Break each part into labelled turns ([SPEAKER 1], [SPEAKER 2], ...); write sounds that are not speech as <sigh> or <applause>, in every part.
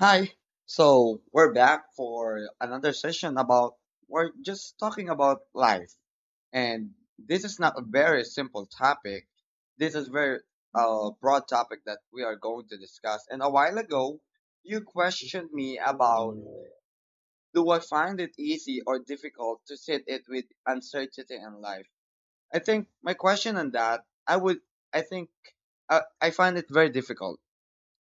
[SPEAKER 1] Hi. So we're back for another session about we're just talking about life. And this is not a very simple topic. This is very broad topic that we are going to discuss. And a while ago, you questioned me about, do I find it easy or difficult to sit it with uncertainty in life? I think my question on that, I would I think I find it very difficult.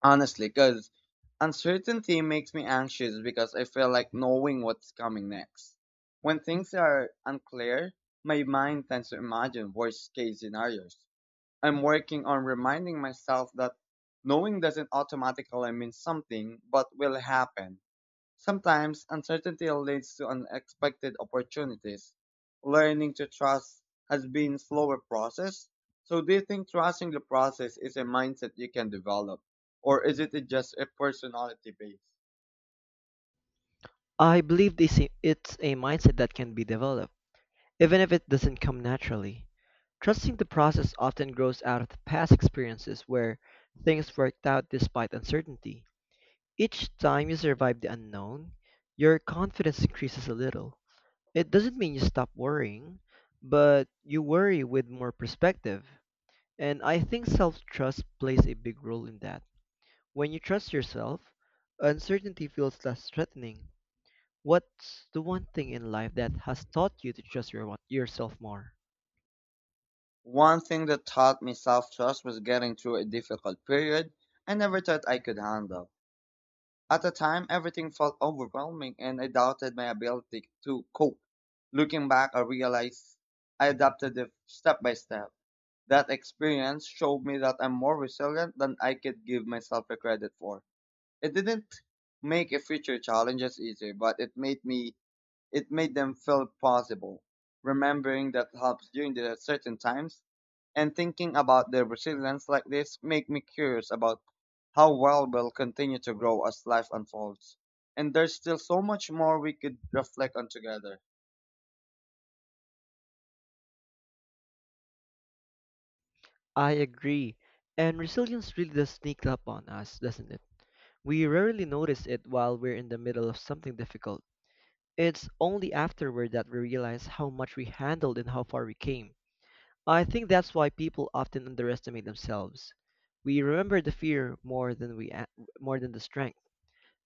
[SPEAKER 1] Honestly, because uncertainty makes me anxious because I feel like knowing what's coming next. When things are unclear, my mind tends to imagine worst case scenarios. I'm working on reminding myself that knowing doesn't automatically mean something but will happen. Sometimes uncertainty leads to unexpected opportunities. Learning to trust has been slower process. So do you think trusting the process is a mindset you can develop? Or is it just a personality based?
[SPEAKER 2] I believe it's a mindset that can be developed, even if it doesn't come naturally. Trusting the process often grows out of past experiences where things worked out despite uncertainty. Each time you survive the unknown, your confidence increases a little. It doesn't mean you stop worrying, but you worry with more perspective. And I think self trust plays a big role in that. When you trust yourself, uncertainty feels less threatening. What's the one thing in life that has taught you to trust yourself more?
[SPEAKER 1] One thing that taught me self-trust was getting through a difficult period I never thought I could handle. At the time, everything felt overwhelming and I doubted my ability to cope. Looking back, I realized I adapted it step by step. That experience showed me that I'm more resilient than I could give myself the credit for. It didn't make a future challenges easier, but it made them feel possible. Remembering that helps during the certain times, and thinking about their resilience like this make me curious about how well we'll continue to grow as life unfolds. And there's still so much more we could reflect on together.
[SPEAKER 2] I agree. And resilience really does sneak up on us, doesn't it? We rarely notice it while we're in the middle of something difficult. It's only afterward that we realize how much we handled and how far we came. I think that's why people often underestimate themselves. We remember the fear more than more than the strength.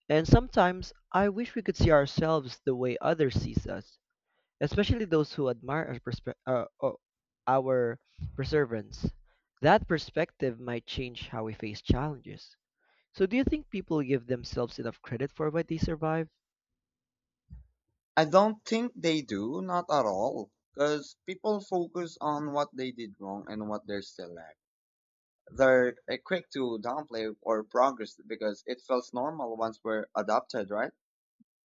[SPEAKER 2] And sometimes I wish we could see ourselves the way others sees us, especially those who admire our perseverance. That perspective might change how we face challenges. So, do you think people give themselves enough credit for what they survive?
[SPEAKER 1] I don't think they do, not at all, because people focus on what they did wrong and what they still lack. They're quick to downplay or progress because it feels normal once we're adopted, right?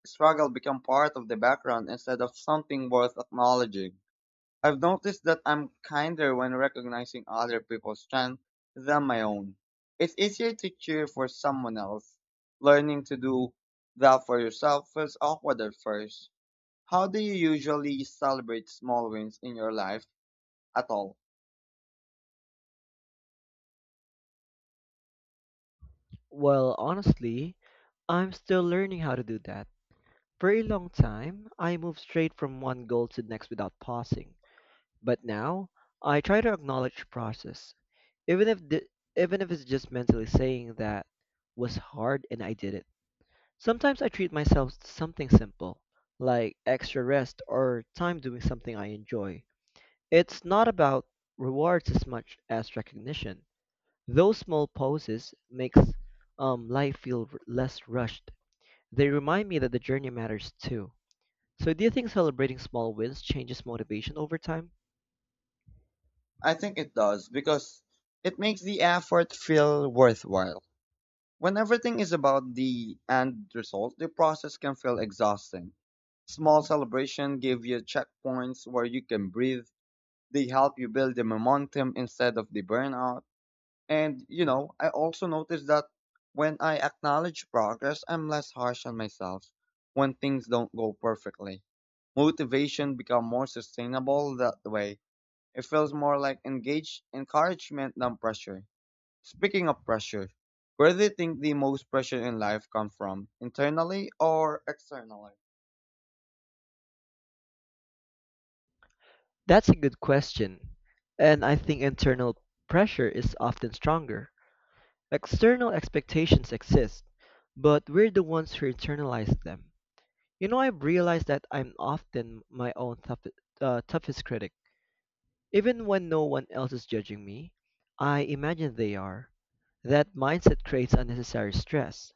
[SPEAKER 1] Struggle become part of the background instead of something worth acknowledging. I've noticed that I'm kinder when recognizing other people's strength than my own. It's easier to cheer for someone else. Learning to do that for yourself feels awkward at first. How do you usually celebrate small wins in your life at all?
[SPEAKER 2] Well, honestly, I'm still learning how to do that. For a long time, I moved straight from one goal to the next without pausing. But now, I try to acknowledge the process, even if the, even if it's just mentally saying that was hard and I did it. Sometimes I treat myself to something simple, like extra rest or time doing something I enjoy. It's not about rewards as much as recognition. Those small pauses makes life feel less rushed. They remind me that the journey matters too. So do you think celebrating small wins changes motivation over time?
[SPEAKER 1] I think it does because it makes the effort feel worthwhile. When everything is about the end result, the process can feel exhausting. Small celebration give you checkpoints where you can breathe. They help you build the momentum instead of the burnout. And, you know, I also noticed that when I acknowledge progress, I'm less harsh on myself when things don't go perfectly. Motivation become more sustainable that way. It feels more like engaged encouragement than pressure. Speaking of pressure, where do you think the most pressure in life come from? Internally or externally?
[SPEAKER 2] That's a good question, and I think internal pressure is often stronger. External expectations exist, but we're the ones who internalize them. You know, I've realized that I'm often my own toughest critic. Even when no one else is judging me, I imagine they are. That mindset creates unnecessary stress,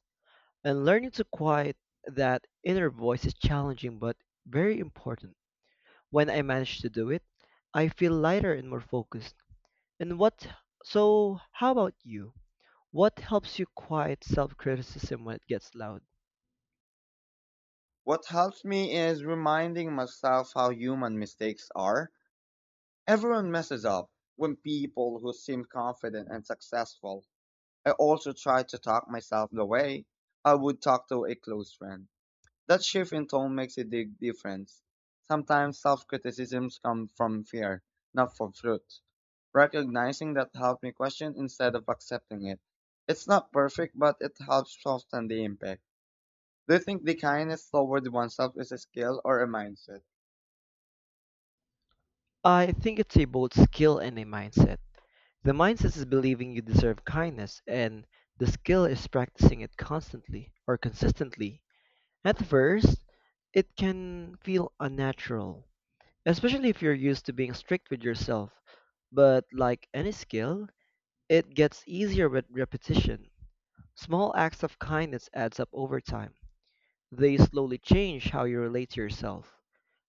[SPEAKER 2] and learning to quiet that inner voice is challenging but very important. When I manage to do it, I feel lighter and more focused. And what, so how about you? What helps you quiet self-criticism when it gets loud?
[SPEAKER 1] What helps me is reminding myself how human mistakes are. Everyone messes up, when people who seem confident and successful. I also try to talk myself the way I would talk to a close friend. That shift in tone makes a big difference. Sometimes self criticisms come from fear, not from truth. Recognizing that helped me question instead of accepting it. It's not perfect, but it helps soften the impact. Do you think the kindness toward oneself is a skill or a mindset?
[SPEAKER 2] I think it's a both skill and a mindset. The mindset is believing you deserve kindness, and the skill is practicing it constantly or consistently. At first, it can feel unnatural, especially if you're used to being strict with yourself. But like any skill, it gets easier with repetition. Small acts of kindness adds up over time. They slowly change how you relate to yourself.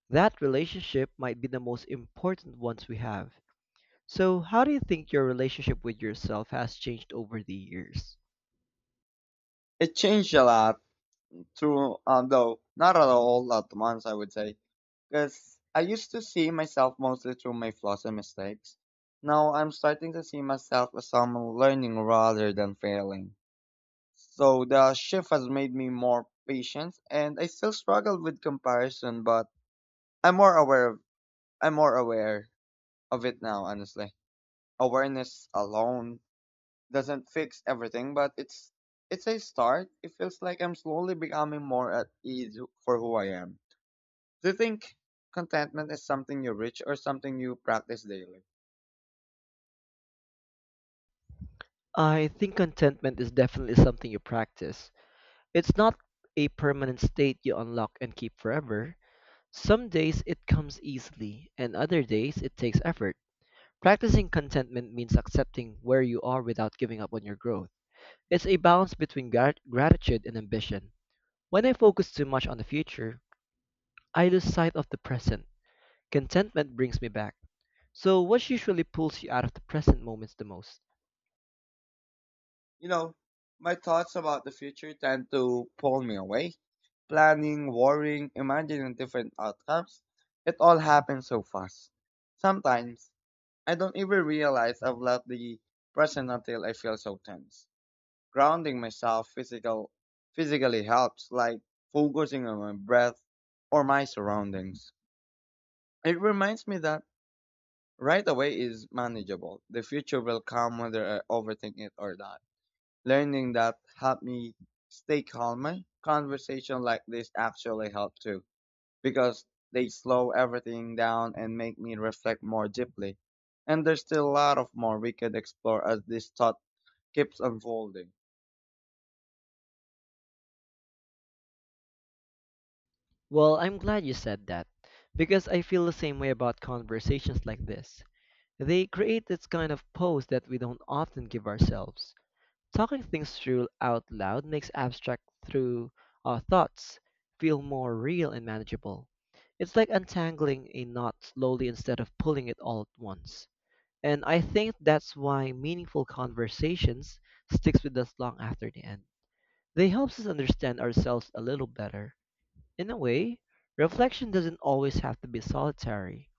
[SPEAKER 2] That relationship might be the most important ones we have. So, how do you think your relationship with yourself has changed over the years?
[SPEAKER 1] It changed a lot. True, though not at all at once, I would say. Because I used to see myself mostly through my flaws and mistakes. Now I'm starting to see myself as someone learning rather than failing. So the shift has made me more patient, and I still struggle with comparison, but I'm more aware of I'm more aware of it now. Honestly, awareness alone doesn't fix everything, but it's a start. It feels like I'm slowly becoming more at ease for who I am. Do you think contentment is something you reach or something you practice daily?
[SPEAKER 2] I think contentment is definitely something you practice. It's not a permanent state you unlock and keep forever. Some days it comes easily, and other days it takes effort. Practicing contentment means accepting where you are without giving up on your growth. It's a balance between gratitude and ambition. When I focus too much on the future, I lose sight of the present. Contentment brings me back. So, what usually pulls you out of the present moments the most?
[SPEAKER 1] You know, my thoughts about the future tend to pull me away. Planning, worrying, imagining different outcomes, it all happens so fast. Sometimes, I don't even realize I've left the present until I feel so tense. Grounding myself physically helps, like focusing on my breath or my surroundings. It reminds me that right away is manageable. The future will come whether I overthink it or not. Learning that helped me stay calmer. Conversation like this actually help too, because they slow everything down and make me reflect more deeply. And there's still a lot of more we could explore as this thought keeps unfolding.
[SPEAKER 2] Well, I'm glad you said that, because I feel the same way about conversations like this. They create this kind of pause that we don't often give ourselves. Talking things through out loud makes abstract through our thoughts feel more real and manageable. It's like untangling a knot slowly instead of pulling it all at once. And I think that's why meaningful conversations sticks with us long after the end. They helps us understand ourselves a little better. In a way, reflection doesn't always have to be solitary.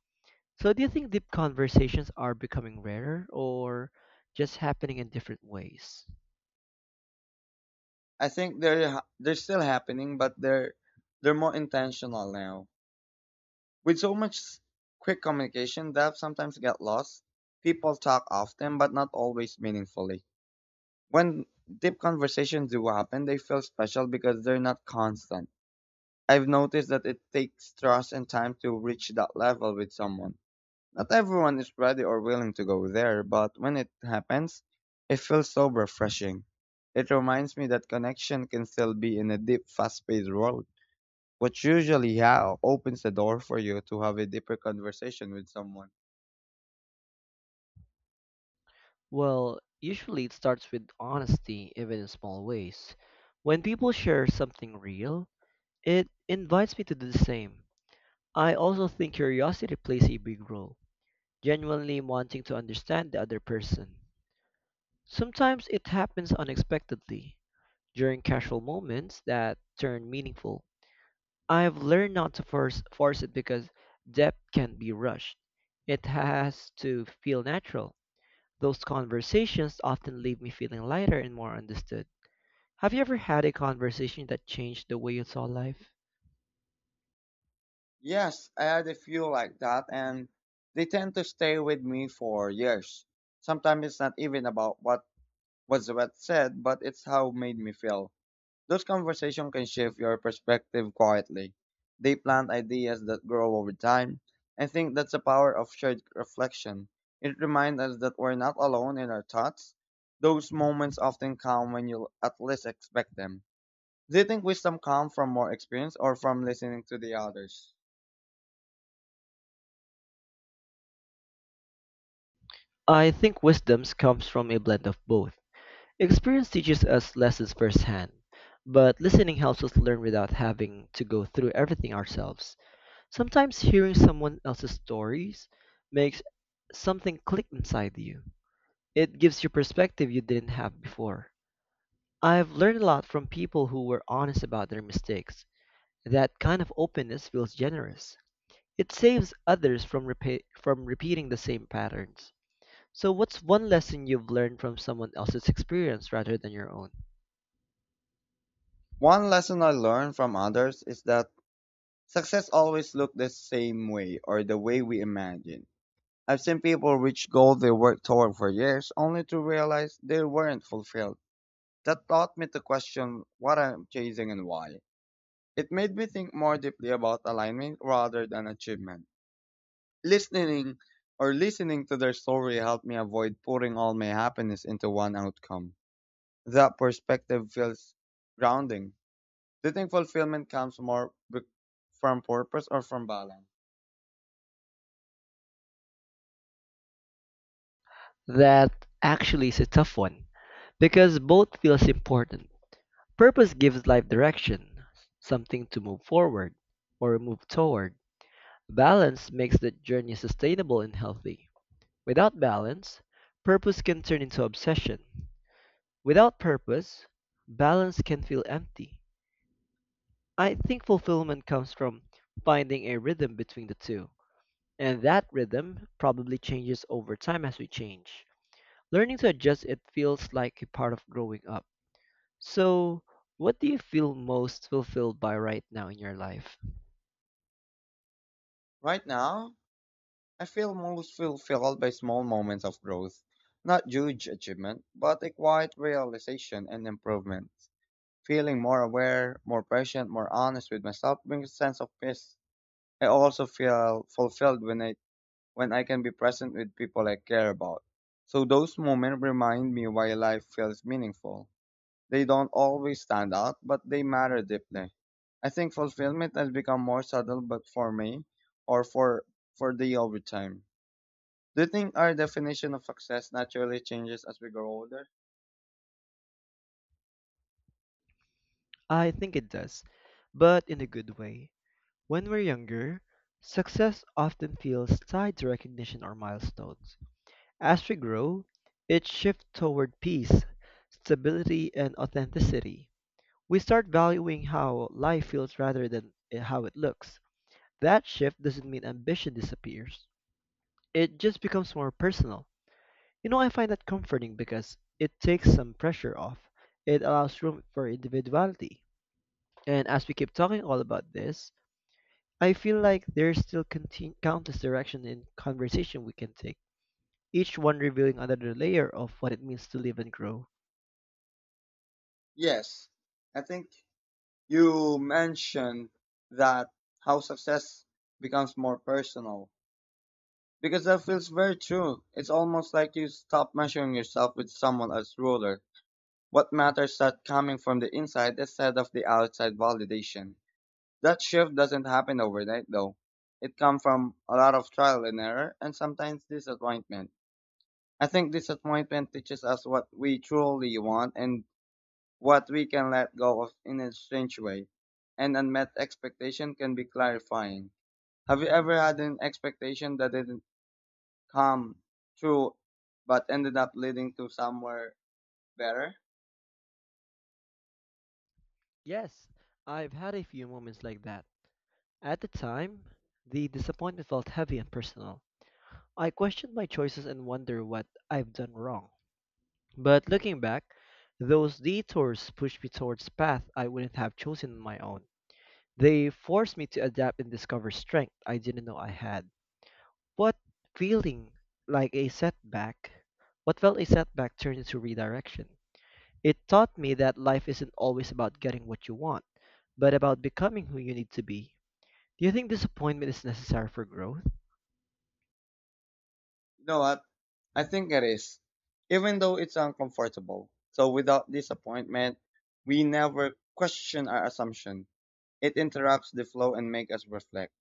[SPEAKER 2] So do you think deep conversations are becoming rarer or just happening in different ways?
[SPEAKER 1] I think they're still happening, but they're more intentional now. With so much quick communication, that sometimes get lost. People talk often, but not always meaningfully. When deep conversations do happen, they feel special because they're not constant. I've noticed that it takes trust and time to reach that level with someone. Not everyone is ready or willing to go there, but when it happens, it feels so refreshing. It reminds me that connection can still be in a deep, fast paced world, which usually opens the door for you to have a deeper conversation with someone.
[SPEAKER 2] Well, usually it starts with honesty, even in small ways. When people share something real, it invites me to do the same. I also think curiosity plays a big role, genuinely wanting to understand the other person. Sometimes it happens unexpectedly, during casual moments that turn meaningful. I've learned not to force it because depth can't be rushed. It has to feel natural. Those conversations often leave me feeling lighter and more understood. Have you ever had a conversation that changed the way you saw life?
[SPEAKER 1] Yes, I had a few like that, and they tend to stay with me for years. Sometimes it's not even about what said, but it's how it made me feel. Those conversations can shift your perspective quietly. They plant ideas that grow over time. I think that's the power of shared reflection. It reminds us that we're not alone in our thoughts. Those moments often come when you at least expect them. Do you think wisdom comes from more experience or from listening to the others?
[SPEAKER 2] I think wisdom comes from a blend of both. Experience teaches us lessons firsthand, but listening helps us learn without having to go through everything ourselves. Sometimes hearing someone else's stories makes something click inside you. It gives you perspective you didn't have before. I've learned a lot from people who were honest about their mistakes. That kind of openness feels generous. It saves others from from repeating the same patterns. So what's one lesson you've learned from someone else's experience rather than your own?
[SPEAKER 1] One lesson I learned from others is that success always looks the same way or the way we imagine. I've seen people reach goals they worked toward for years only to realize they weren't fulfilled. That taught me to question what I'm chasing and why. It made me think more deeply about alignment rather than achievement. Listening listening to their story helped me avoid putting all my happiness into one outcome. That perspective feels grounding. Do you think fulfillment comes more from purpose or from balance?
[SPEAKER 2] That actually is a tough one because both feels important. Purpose gives life direction, something to move forward or move toward. Balance makes the journey sustainable and healthy. Without balance, purpose can turn into obsession. Without purpose, balance can feel empty. I think fulfillment comes from finding a rhythm between the two, and that rhythm probably changes over time as we change. Learning to adjust it feels like a part of growing up. So, what do you feel most fulfilled by right now in your life?
[SPEAKER 1] Right now, I feel most fulfilled by small moments of growth, not huge achievement, but a quiet realization and improvement. Feeling more aware, more patient, more honest with myself brings a sense of peace. I also feel fulfilled when I can be present with people I care about. So those moments remind me why life feels meaningful. They don't always stand out, but they matter deeply. I think fulfillment has become more subtle, but for me, or for the over time. Do you think our definition of success naturally changes as we grow older?
[SPEAKER 2] I think it does, but in a good way. When we're younger, success often feels tied to recognition or milestones. As we grow, it shifts toward peace, stability, and authenticity. We start valuing how life feels rather than how it looks. That shift doesn't mean ambition disappears. It just becomes more personal. You know, I find that comforting because it takes some pressure off. It allows room for individuality. And as we keep talking all about this, I feel like there's still countless direction in conversation we can take, each one revealing another layer of what it means to live and grow.
[SPEAKER 1] Yes, I think you mentioned that how success becomes more personal, because that feels very true. It's almost like you stop measuring yourself with someone else's ruler. What matters that coming from the inside instead of the outside validation. That shift doesn't happen overnight though. It comes from a lot of trial and error and sometimes disappointment. I think disappointment teaches us what we truly want and what we can let go of in a strange way. And unmet expectation can be clarifying. Have you ever had an expectation that didn't come true but ended up leading to somewhere better?
[SPEAKER 2] Yes, I've had a few moments like that. At the time, the disappointment felt heavy and personal. I questioned my choices and wonder what I've done wrong. But looking back, those detours pushed me towards paths I wouldn't have chosen on my own. They forced me to adapt and discover strength I didn't know I had. What feeling like a setback, what felt a setback turned into redirection. It taught me that life isn't always about getting what you want, but about becoming who you need to be. Do you think disappointment is necessary for growth?
[SPEAKER 1] You know what? I think it is, even though it's uncomfortable. So without disappointment, we never question our assumption. It interrupts the flow and make us reflect.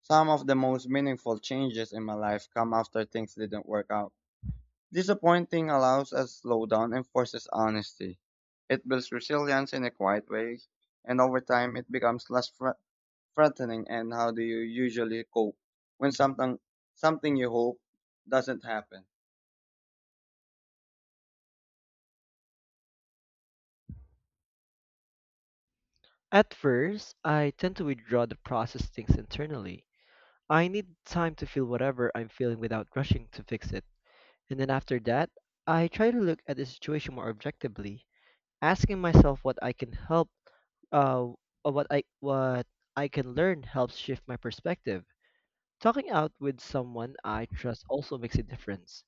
[SPEAKER 1] Some of the most meaningful changes in my life come after things didn't work out. Disappointing allows us slow down and forces honesty. It builds resilience in a quiet way, and over time it becomes threatening. And how do you usually cope when something you hope doesn't happen?
[SPEAKER 2] At first, I tend to withdraw to process things internally. I need time to feel whatever I'm feeling without rushing to fix it. And then after that, I try to look at the situation more objectively. Asking myself uh, what I can learn helps shift my perspective. Talking out with someone I trust also makes a difference.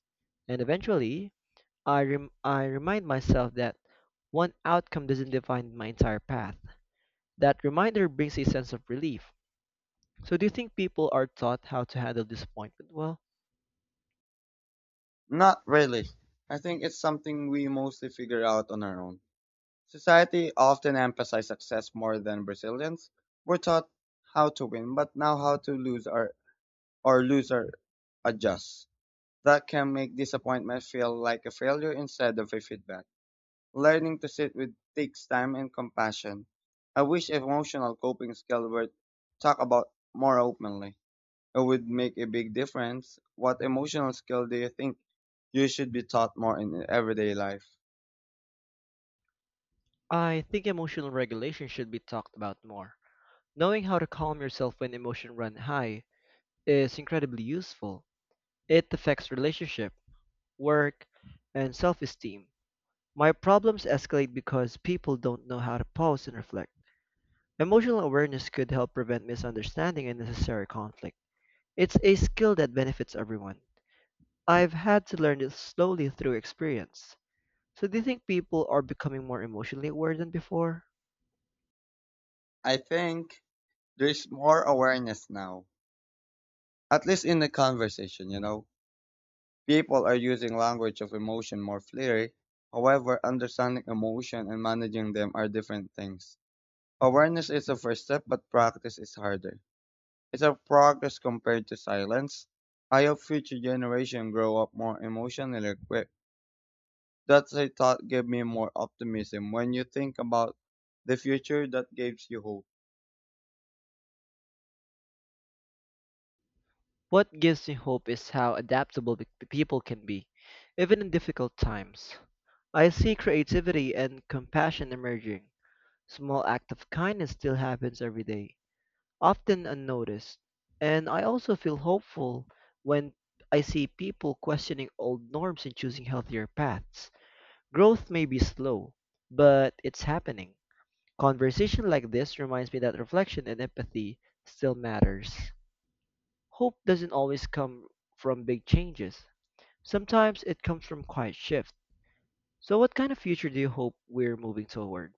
[SPEAKER 2] And eventually, I remind myself that one outcome doesn't define my entire path. That reminder brings a sense of relief. So, do you think people are taught how to handle disappointment? Well,
[SPEAKER 1] Not really. I think it's something we mostly figure out on our own. Society often emphasizes success more than resilience. We're taught how to win, but now how to lose, or adjust. That can make disappointment feel like a failure instead of a feedback. Learning to sit with takes time and compassion. I wish emotional coping skills were talked about more openly. It would make a big difference. What emotional skill do you think you should be taught more in everyday life?
[SPEAKER 2] I think emotional regulation should be talked about more. Knowing how to calm yourself when emotions run high is incredibly useful. It affects relationship, work, and self-esteem. My problems escalate because people don't know how to pause and reflect. Emotional awareness could help prevent misunderstanding and unnecessary conflict. It's a skill that benefits everyone. I've had to learn it slowly through experience. So do you think people are becoming more emotionally aware than before?
[SPEAKER 1] I think there's more awareness now, at least in the conversation, you know. People are using language of emotion more freely. However, understanding emotion and managing them are different things. Awareness is the first step, but practice is harder. It's a progress compared to silence. I hope future generation grow up more emotionally equipped. That's a thought gave me more optimism. When you think about the future, that gives you hope.
[SPEAKER 2] What gives me hope is how adaptable people can be, even in difficult times. I see creativity and compassion emerging. Small act of kindness still happens every day, often unnoticed. And I also feel hopeful when I see people questioning old norms and choosing healthier paths. Growth may be slow, but it's happening. Conversation like this reminds me that reflection and empathy still matters. Hope doesn't always come from big changes. Sometimes it comes from quiet shifts. So what kind of future do you hope we're moving toward?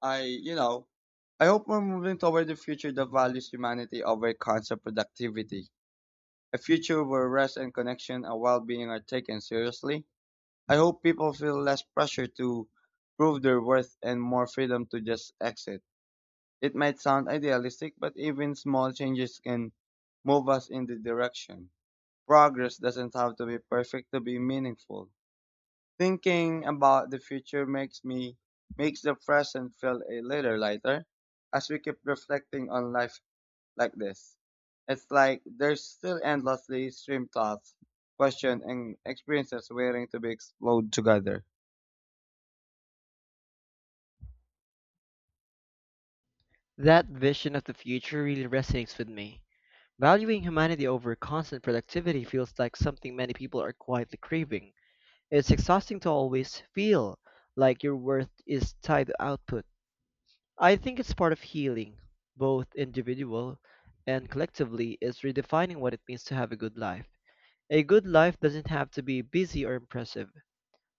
[SPEAKER 1] I, you know, I hope we're moving toward a future that values humanity over constant productivity. A future where rest and connection and well-being are taken seriously. I hope people feel less pressure to prove their worth and more freedom to just exit. It might sound idealistic, but even small changes can move us in the direction. Progress doesn't have to be perfect to be meaningful. Thinking about the future makes me makes the present feel a little lighter as we keep reflecting on life like this. It's like there's still endlessly stream thoughts, questions and experiences waiting to be explored together.
[SPEAKER 2] That vision of the future really resonates with me. Valuing humanity over constant productivity feels like something many people are quietly craving. It's exhausting to always feel like your worth is tied to output. I think it's part of healing, both individual and collectively, is redefining what it means to have a good life. A good life doesn't have to be busy or impressive.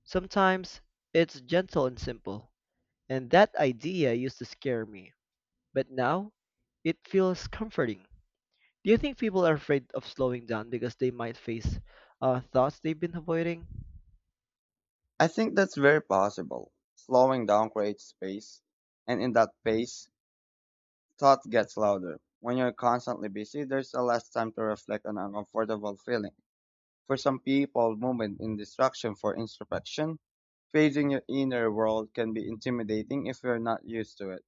[SPEAKER 2] Sometimes it's gentle and simple. And that idea used to scare me, but now it feels comforting. Do you think people are afraid of slowing down because they might face thoughts they've been avoiding?
[SPEAKER 1] I think that's very possible. Slowing down creates space, and in that pace, thought gets louder. When you're constantly busy, there's a less time to reflect on uncomfortable feelings. For some people, movement in distraction for introspection. Facing your inner world can be intimidating if you're not used to it.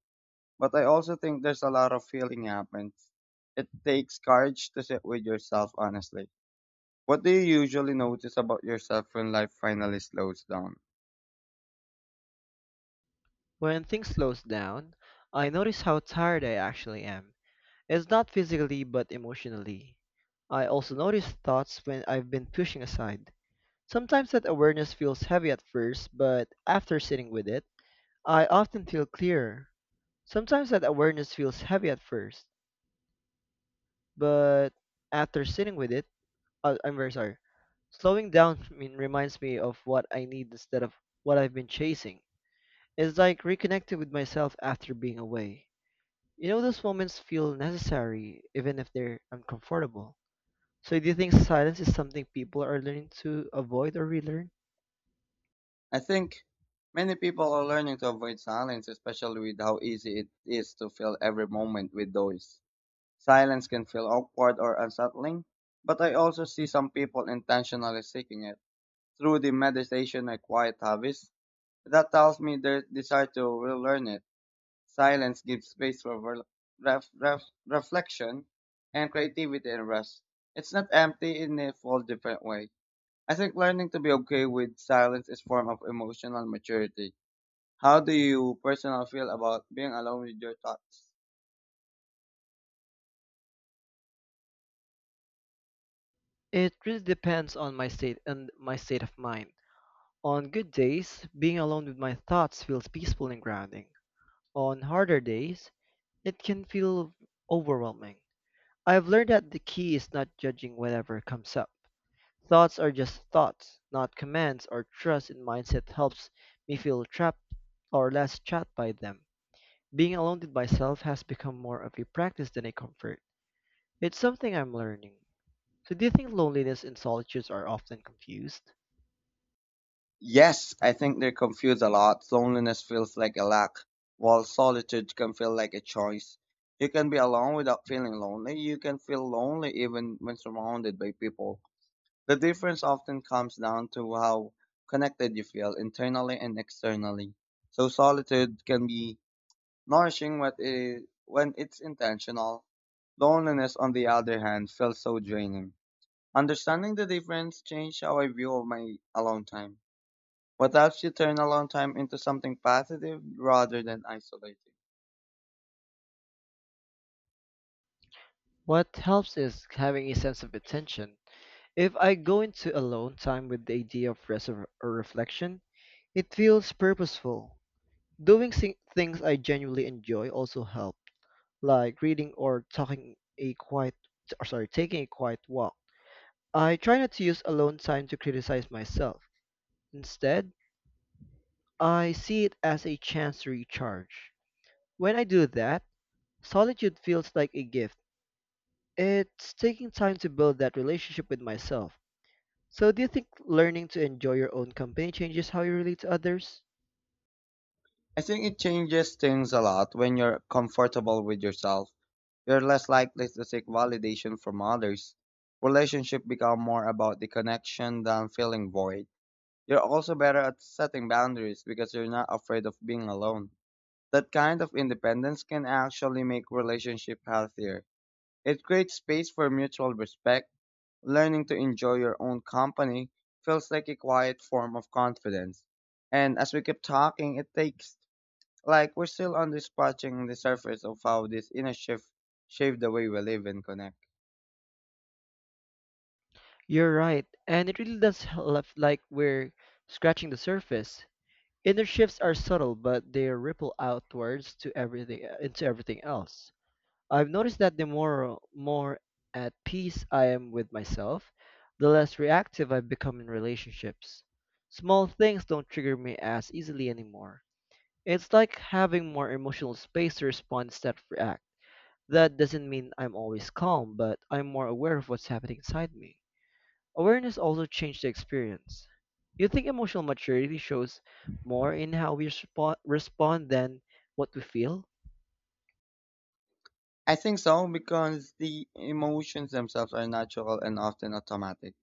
[SPEAKER 1] But I also think there's a lot of healing happens. It takes courage to sit with yourself honestly. What do you usually notice about yourself when life finally slows down?
[SPEAKER 2] When things slows down, I notice how tired I actually am. It's not physically but emotionally. I also notice thoughts when I've been pushing aside. Sometimes that awareness feels heavy at first, but after sitting with it, I often feel clearer. Sometimes that awareness feels heavy at first, but after sitting with it, I'm very sorry. Slowing down <laughs> mean, reminds me of what I need instead of what I've been chasing. It's like reconnecting with myself after being away. You know, those moments feel necessary, even if they're uncomfortable. So, do you think silence is something people are learning to avoid or relearn?
[SPEAKER 1] I think many people are learning to avoid silence, especially with how easy it is to fill every moment with noise. Silence can feel awkward or unsettling, but I also see some people intentionally seeking it. Through the meditation and quiet habits, that tells me their desire to relearn it. Silence gives space for reflection and creativity and rest. It's not empty in a full different way. I think learning to be okay with silence is form of emotional maturity. How do you personally feel about being alone with your thoughts?
[SPEAKER 2] It really depends on my state and my state of mind. On good days, being alone with my thoughts feels peaceful and grounding. On harder days, it can feel overwhelming. I've learned that the key is not judging whatever comes up. Thoughts are just thoughts, not commands or trust in mindset helps me feel trapped or less trapped by them. Being alone with myself has become more of a practice than a comfort. It's something I'm learning. So do you think loneliness and solitude are often confused?
[SPEAKER 1] Yes, I think they're confused a lot. Loneliness feels like a lack, while solitude can feel like a choice. You can be alone without feeling lonely. You can feel lonely even when surrounded by people. The difference often comes down to how connected you feel internally and externally. So solitude can be nourishing when it's intentional. Loneliness, on the other hand, feels so draining. Understanding the difference changed how I view my alone time. What helps you turn a long time into something positive rather than isolating?
[SPEAKER 2] What helps is having a sense of intention. If I go into alone time with the idea of rest or reflection, it feels purposeful. Things I genuinely enjoy also help, like reading or talking a quiet, or sorry, taking a quiet walk. I try not to use alone time to criticize myself. Instead, I see it as a chance to recharge. When I do that, solitude feels like a gift. It's taking time to build that relationship with myself. So, do you think learning to enjoy your own company changes how you relate to others?
[SPEAKER 1] I think it changes things a lot when you're comfortable with yourself. You're less likely to seek validation from others. Relationships become more about the connection than feeling void. You're also better at setting boundaries because you're not afraid of being alone. That kind of independence can actually make relationship healthier. It creates space for mutual respect. Learning to enjoy your own company feels like a quiet form of confidence. And as we keep talking, it takes like we're still on this scratching the surface of how this inner shift shaped the way we live and connect.
[SPEAKER 2] You're right, and it really does help, like we're scratching the surface. Inner shifts are subtle, but they ripple outwards to everything into everything else. I've noticed that the more at peace I am with myself, the less reactive I become in relationships. Small things don't trigger me as easily anymore. It's like having more emotional space to respond instead of react. That doesn't mean I'm always calm, but I'm more aware of what's happening inside me. Awareness also changed the experience. You think emotional maturity shows more in how we respond than what we feel?
[SPEAKER 1] I think so because the emotions themselves are natural and often automatic.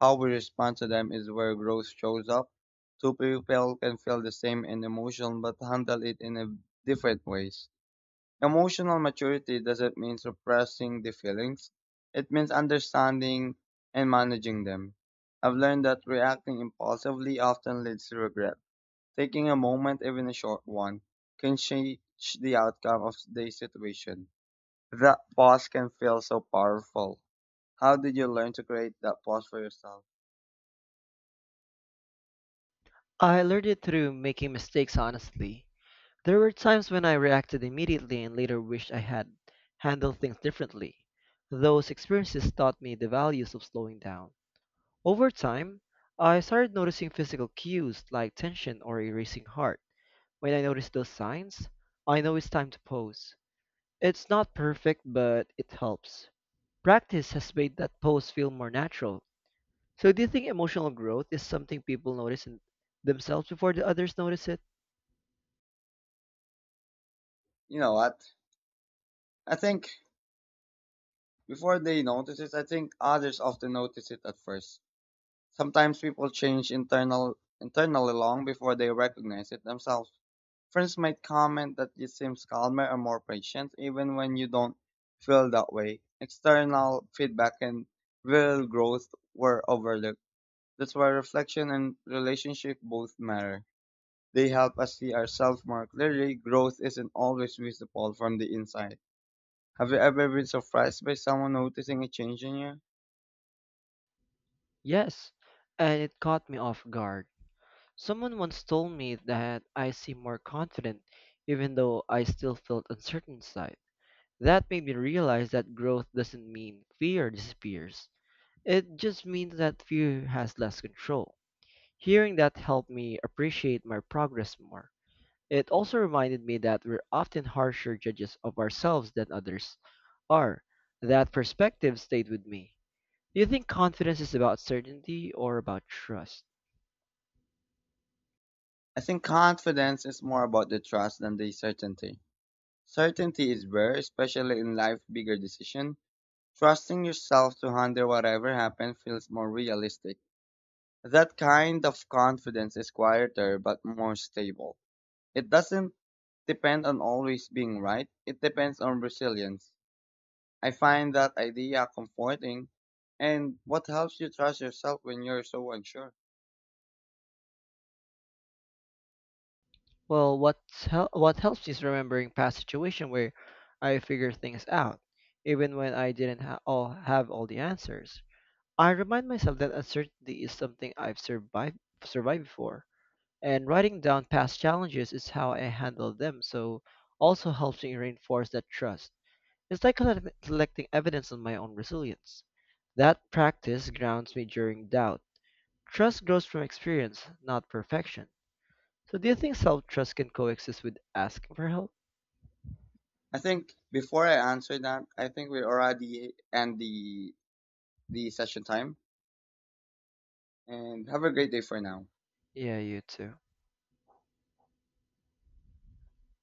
[SPEAKER 1] How we respond to them is where growth shows up. Two people can feel the same in emotion but handle it in a different ways. Emotional maturity doesn't mean suppressing the feelings. It means understanding and managing them. I've learned that reacting impulsively often leads to regret. Taking a moment, even a short one, can change the outcome of the situation. That pause can feel so powerful. How did you learn to create that pause for yourself?
[SPEAKER 2] I learned it through making mistakes honestly. There were times when I reacted immediately and later wished I had handled things differently. Those experiences taught me the values of slowing down. Over time, I started noticing physical cues like tension or a racing heart. When I notice those signs, I know it's time to pause. It's not perfect, but it helps. Practice has made that pose feel more natural. So, do you think emotional growth is something people notice in themselves before the others notice it?
[SPEAKER 1] You know what? I think before they notice it, I think others often notice it at first. Sometimes people change internally long before they recognize it themselves. Friends might comment that you seem calmer or more patient even when you don't feel that way. External feedback and real growth were overlooked. That's why reflection and relationship both matter. They help us see ourselves more clearly. Growth isn't always visible from the inside. Have you ever been surprised by someone noticing a change in you?
[SPEAKER 2] Yes, and it caught me off guard. Someone once told me that I seem more confident even though I still felt uncertain inside. That made me realize that growth doesn't mean fear disappears. It just means that fear has less control. Hearing that helped me appreciate my progress more. It also reminded me that we're often harsher judges of ourselves than others are. That perspective stayed with me. Do you think confidence is about certainty or about trust?
[SPEAKER 1] I think confidence is more about the trust than the certainty. Certainty is rare, especially in life's bigger decision. Trusting yourself to handle whatever happens feels more realistic. That kind of confidence is quieter but more stable. It doesn't depend on always being right. It depends on resilience. I find that idea comforting. And what helps you trust yourself when you're so unsure?
[SPEAKER 2] Well, what helps is remembering past situations where I figured things out, even when I didn't ha- all have all the answers. I remind myself that uncertainty is something I've survived before, and writing down past challenges is how I handled them. So, also helps me reinforce that trust. It's like collecting evidence on my own resilience. That practice grounds me during doubt. Trust grows from experience, not perfection. So, do you think self trust can coexist with asking for help?
[SPEAKER 1] I think before I answer that, I think we already end the session time. And have a great day for now.
[SPEAKER 2] Yeah, you too.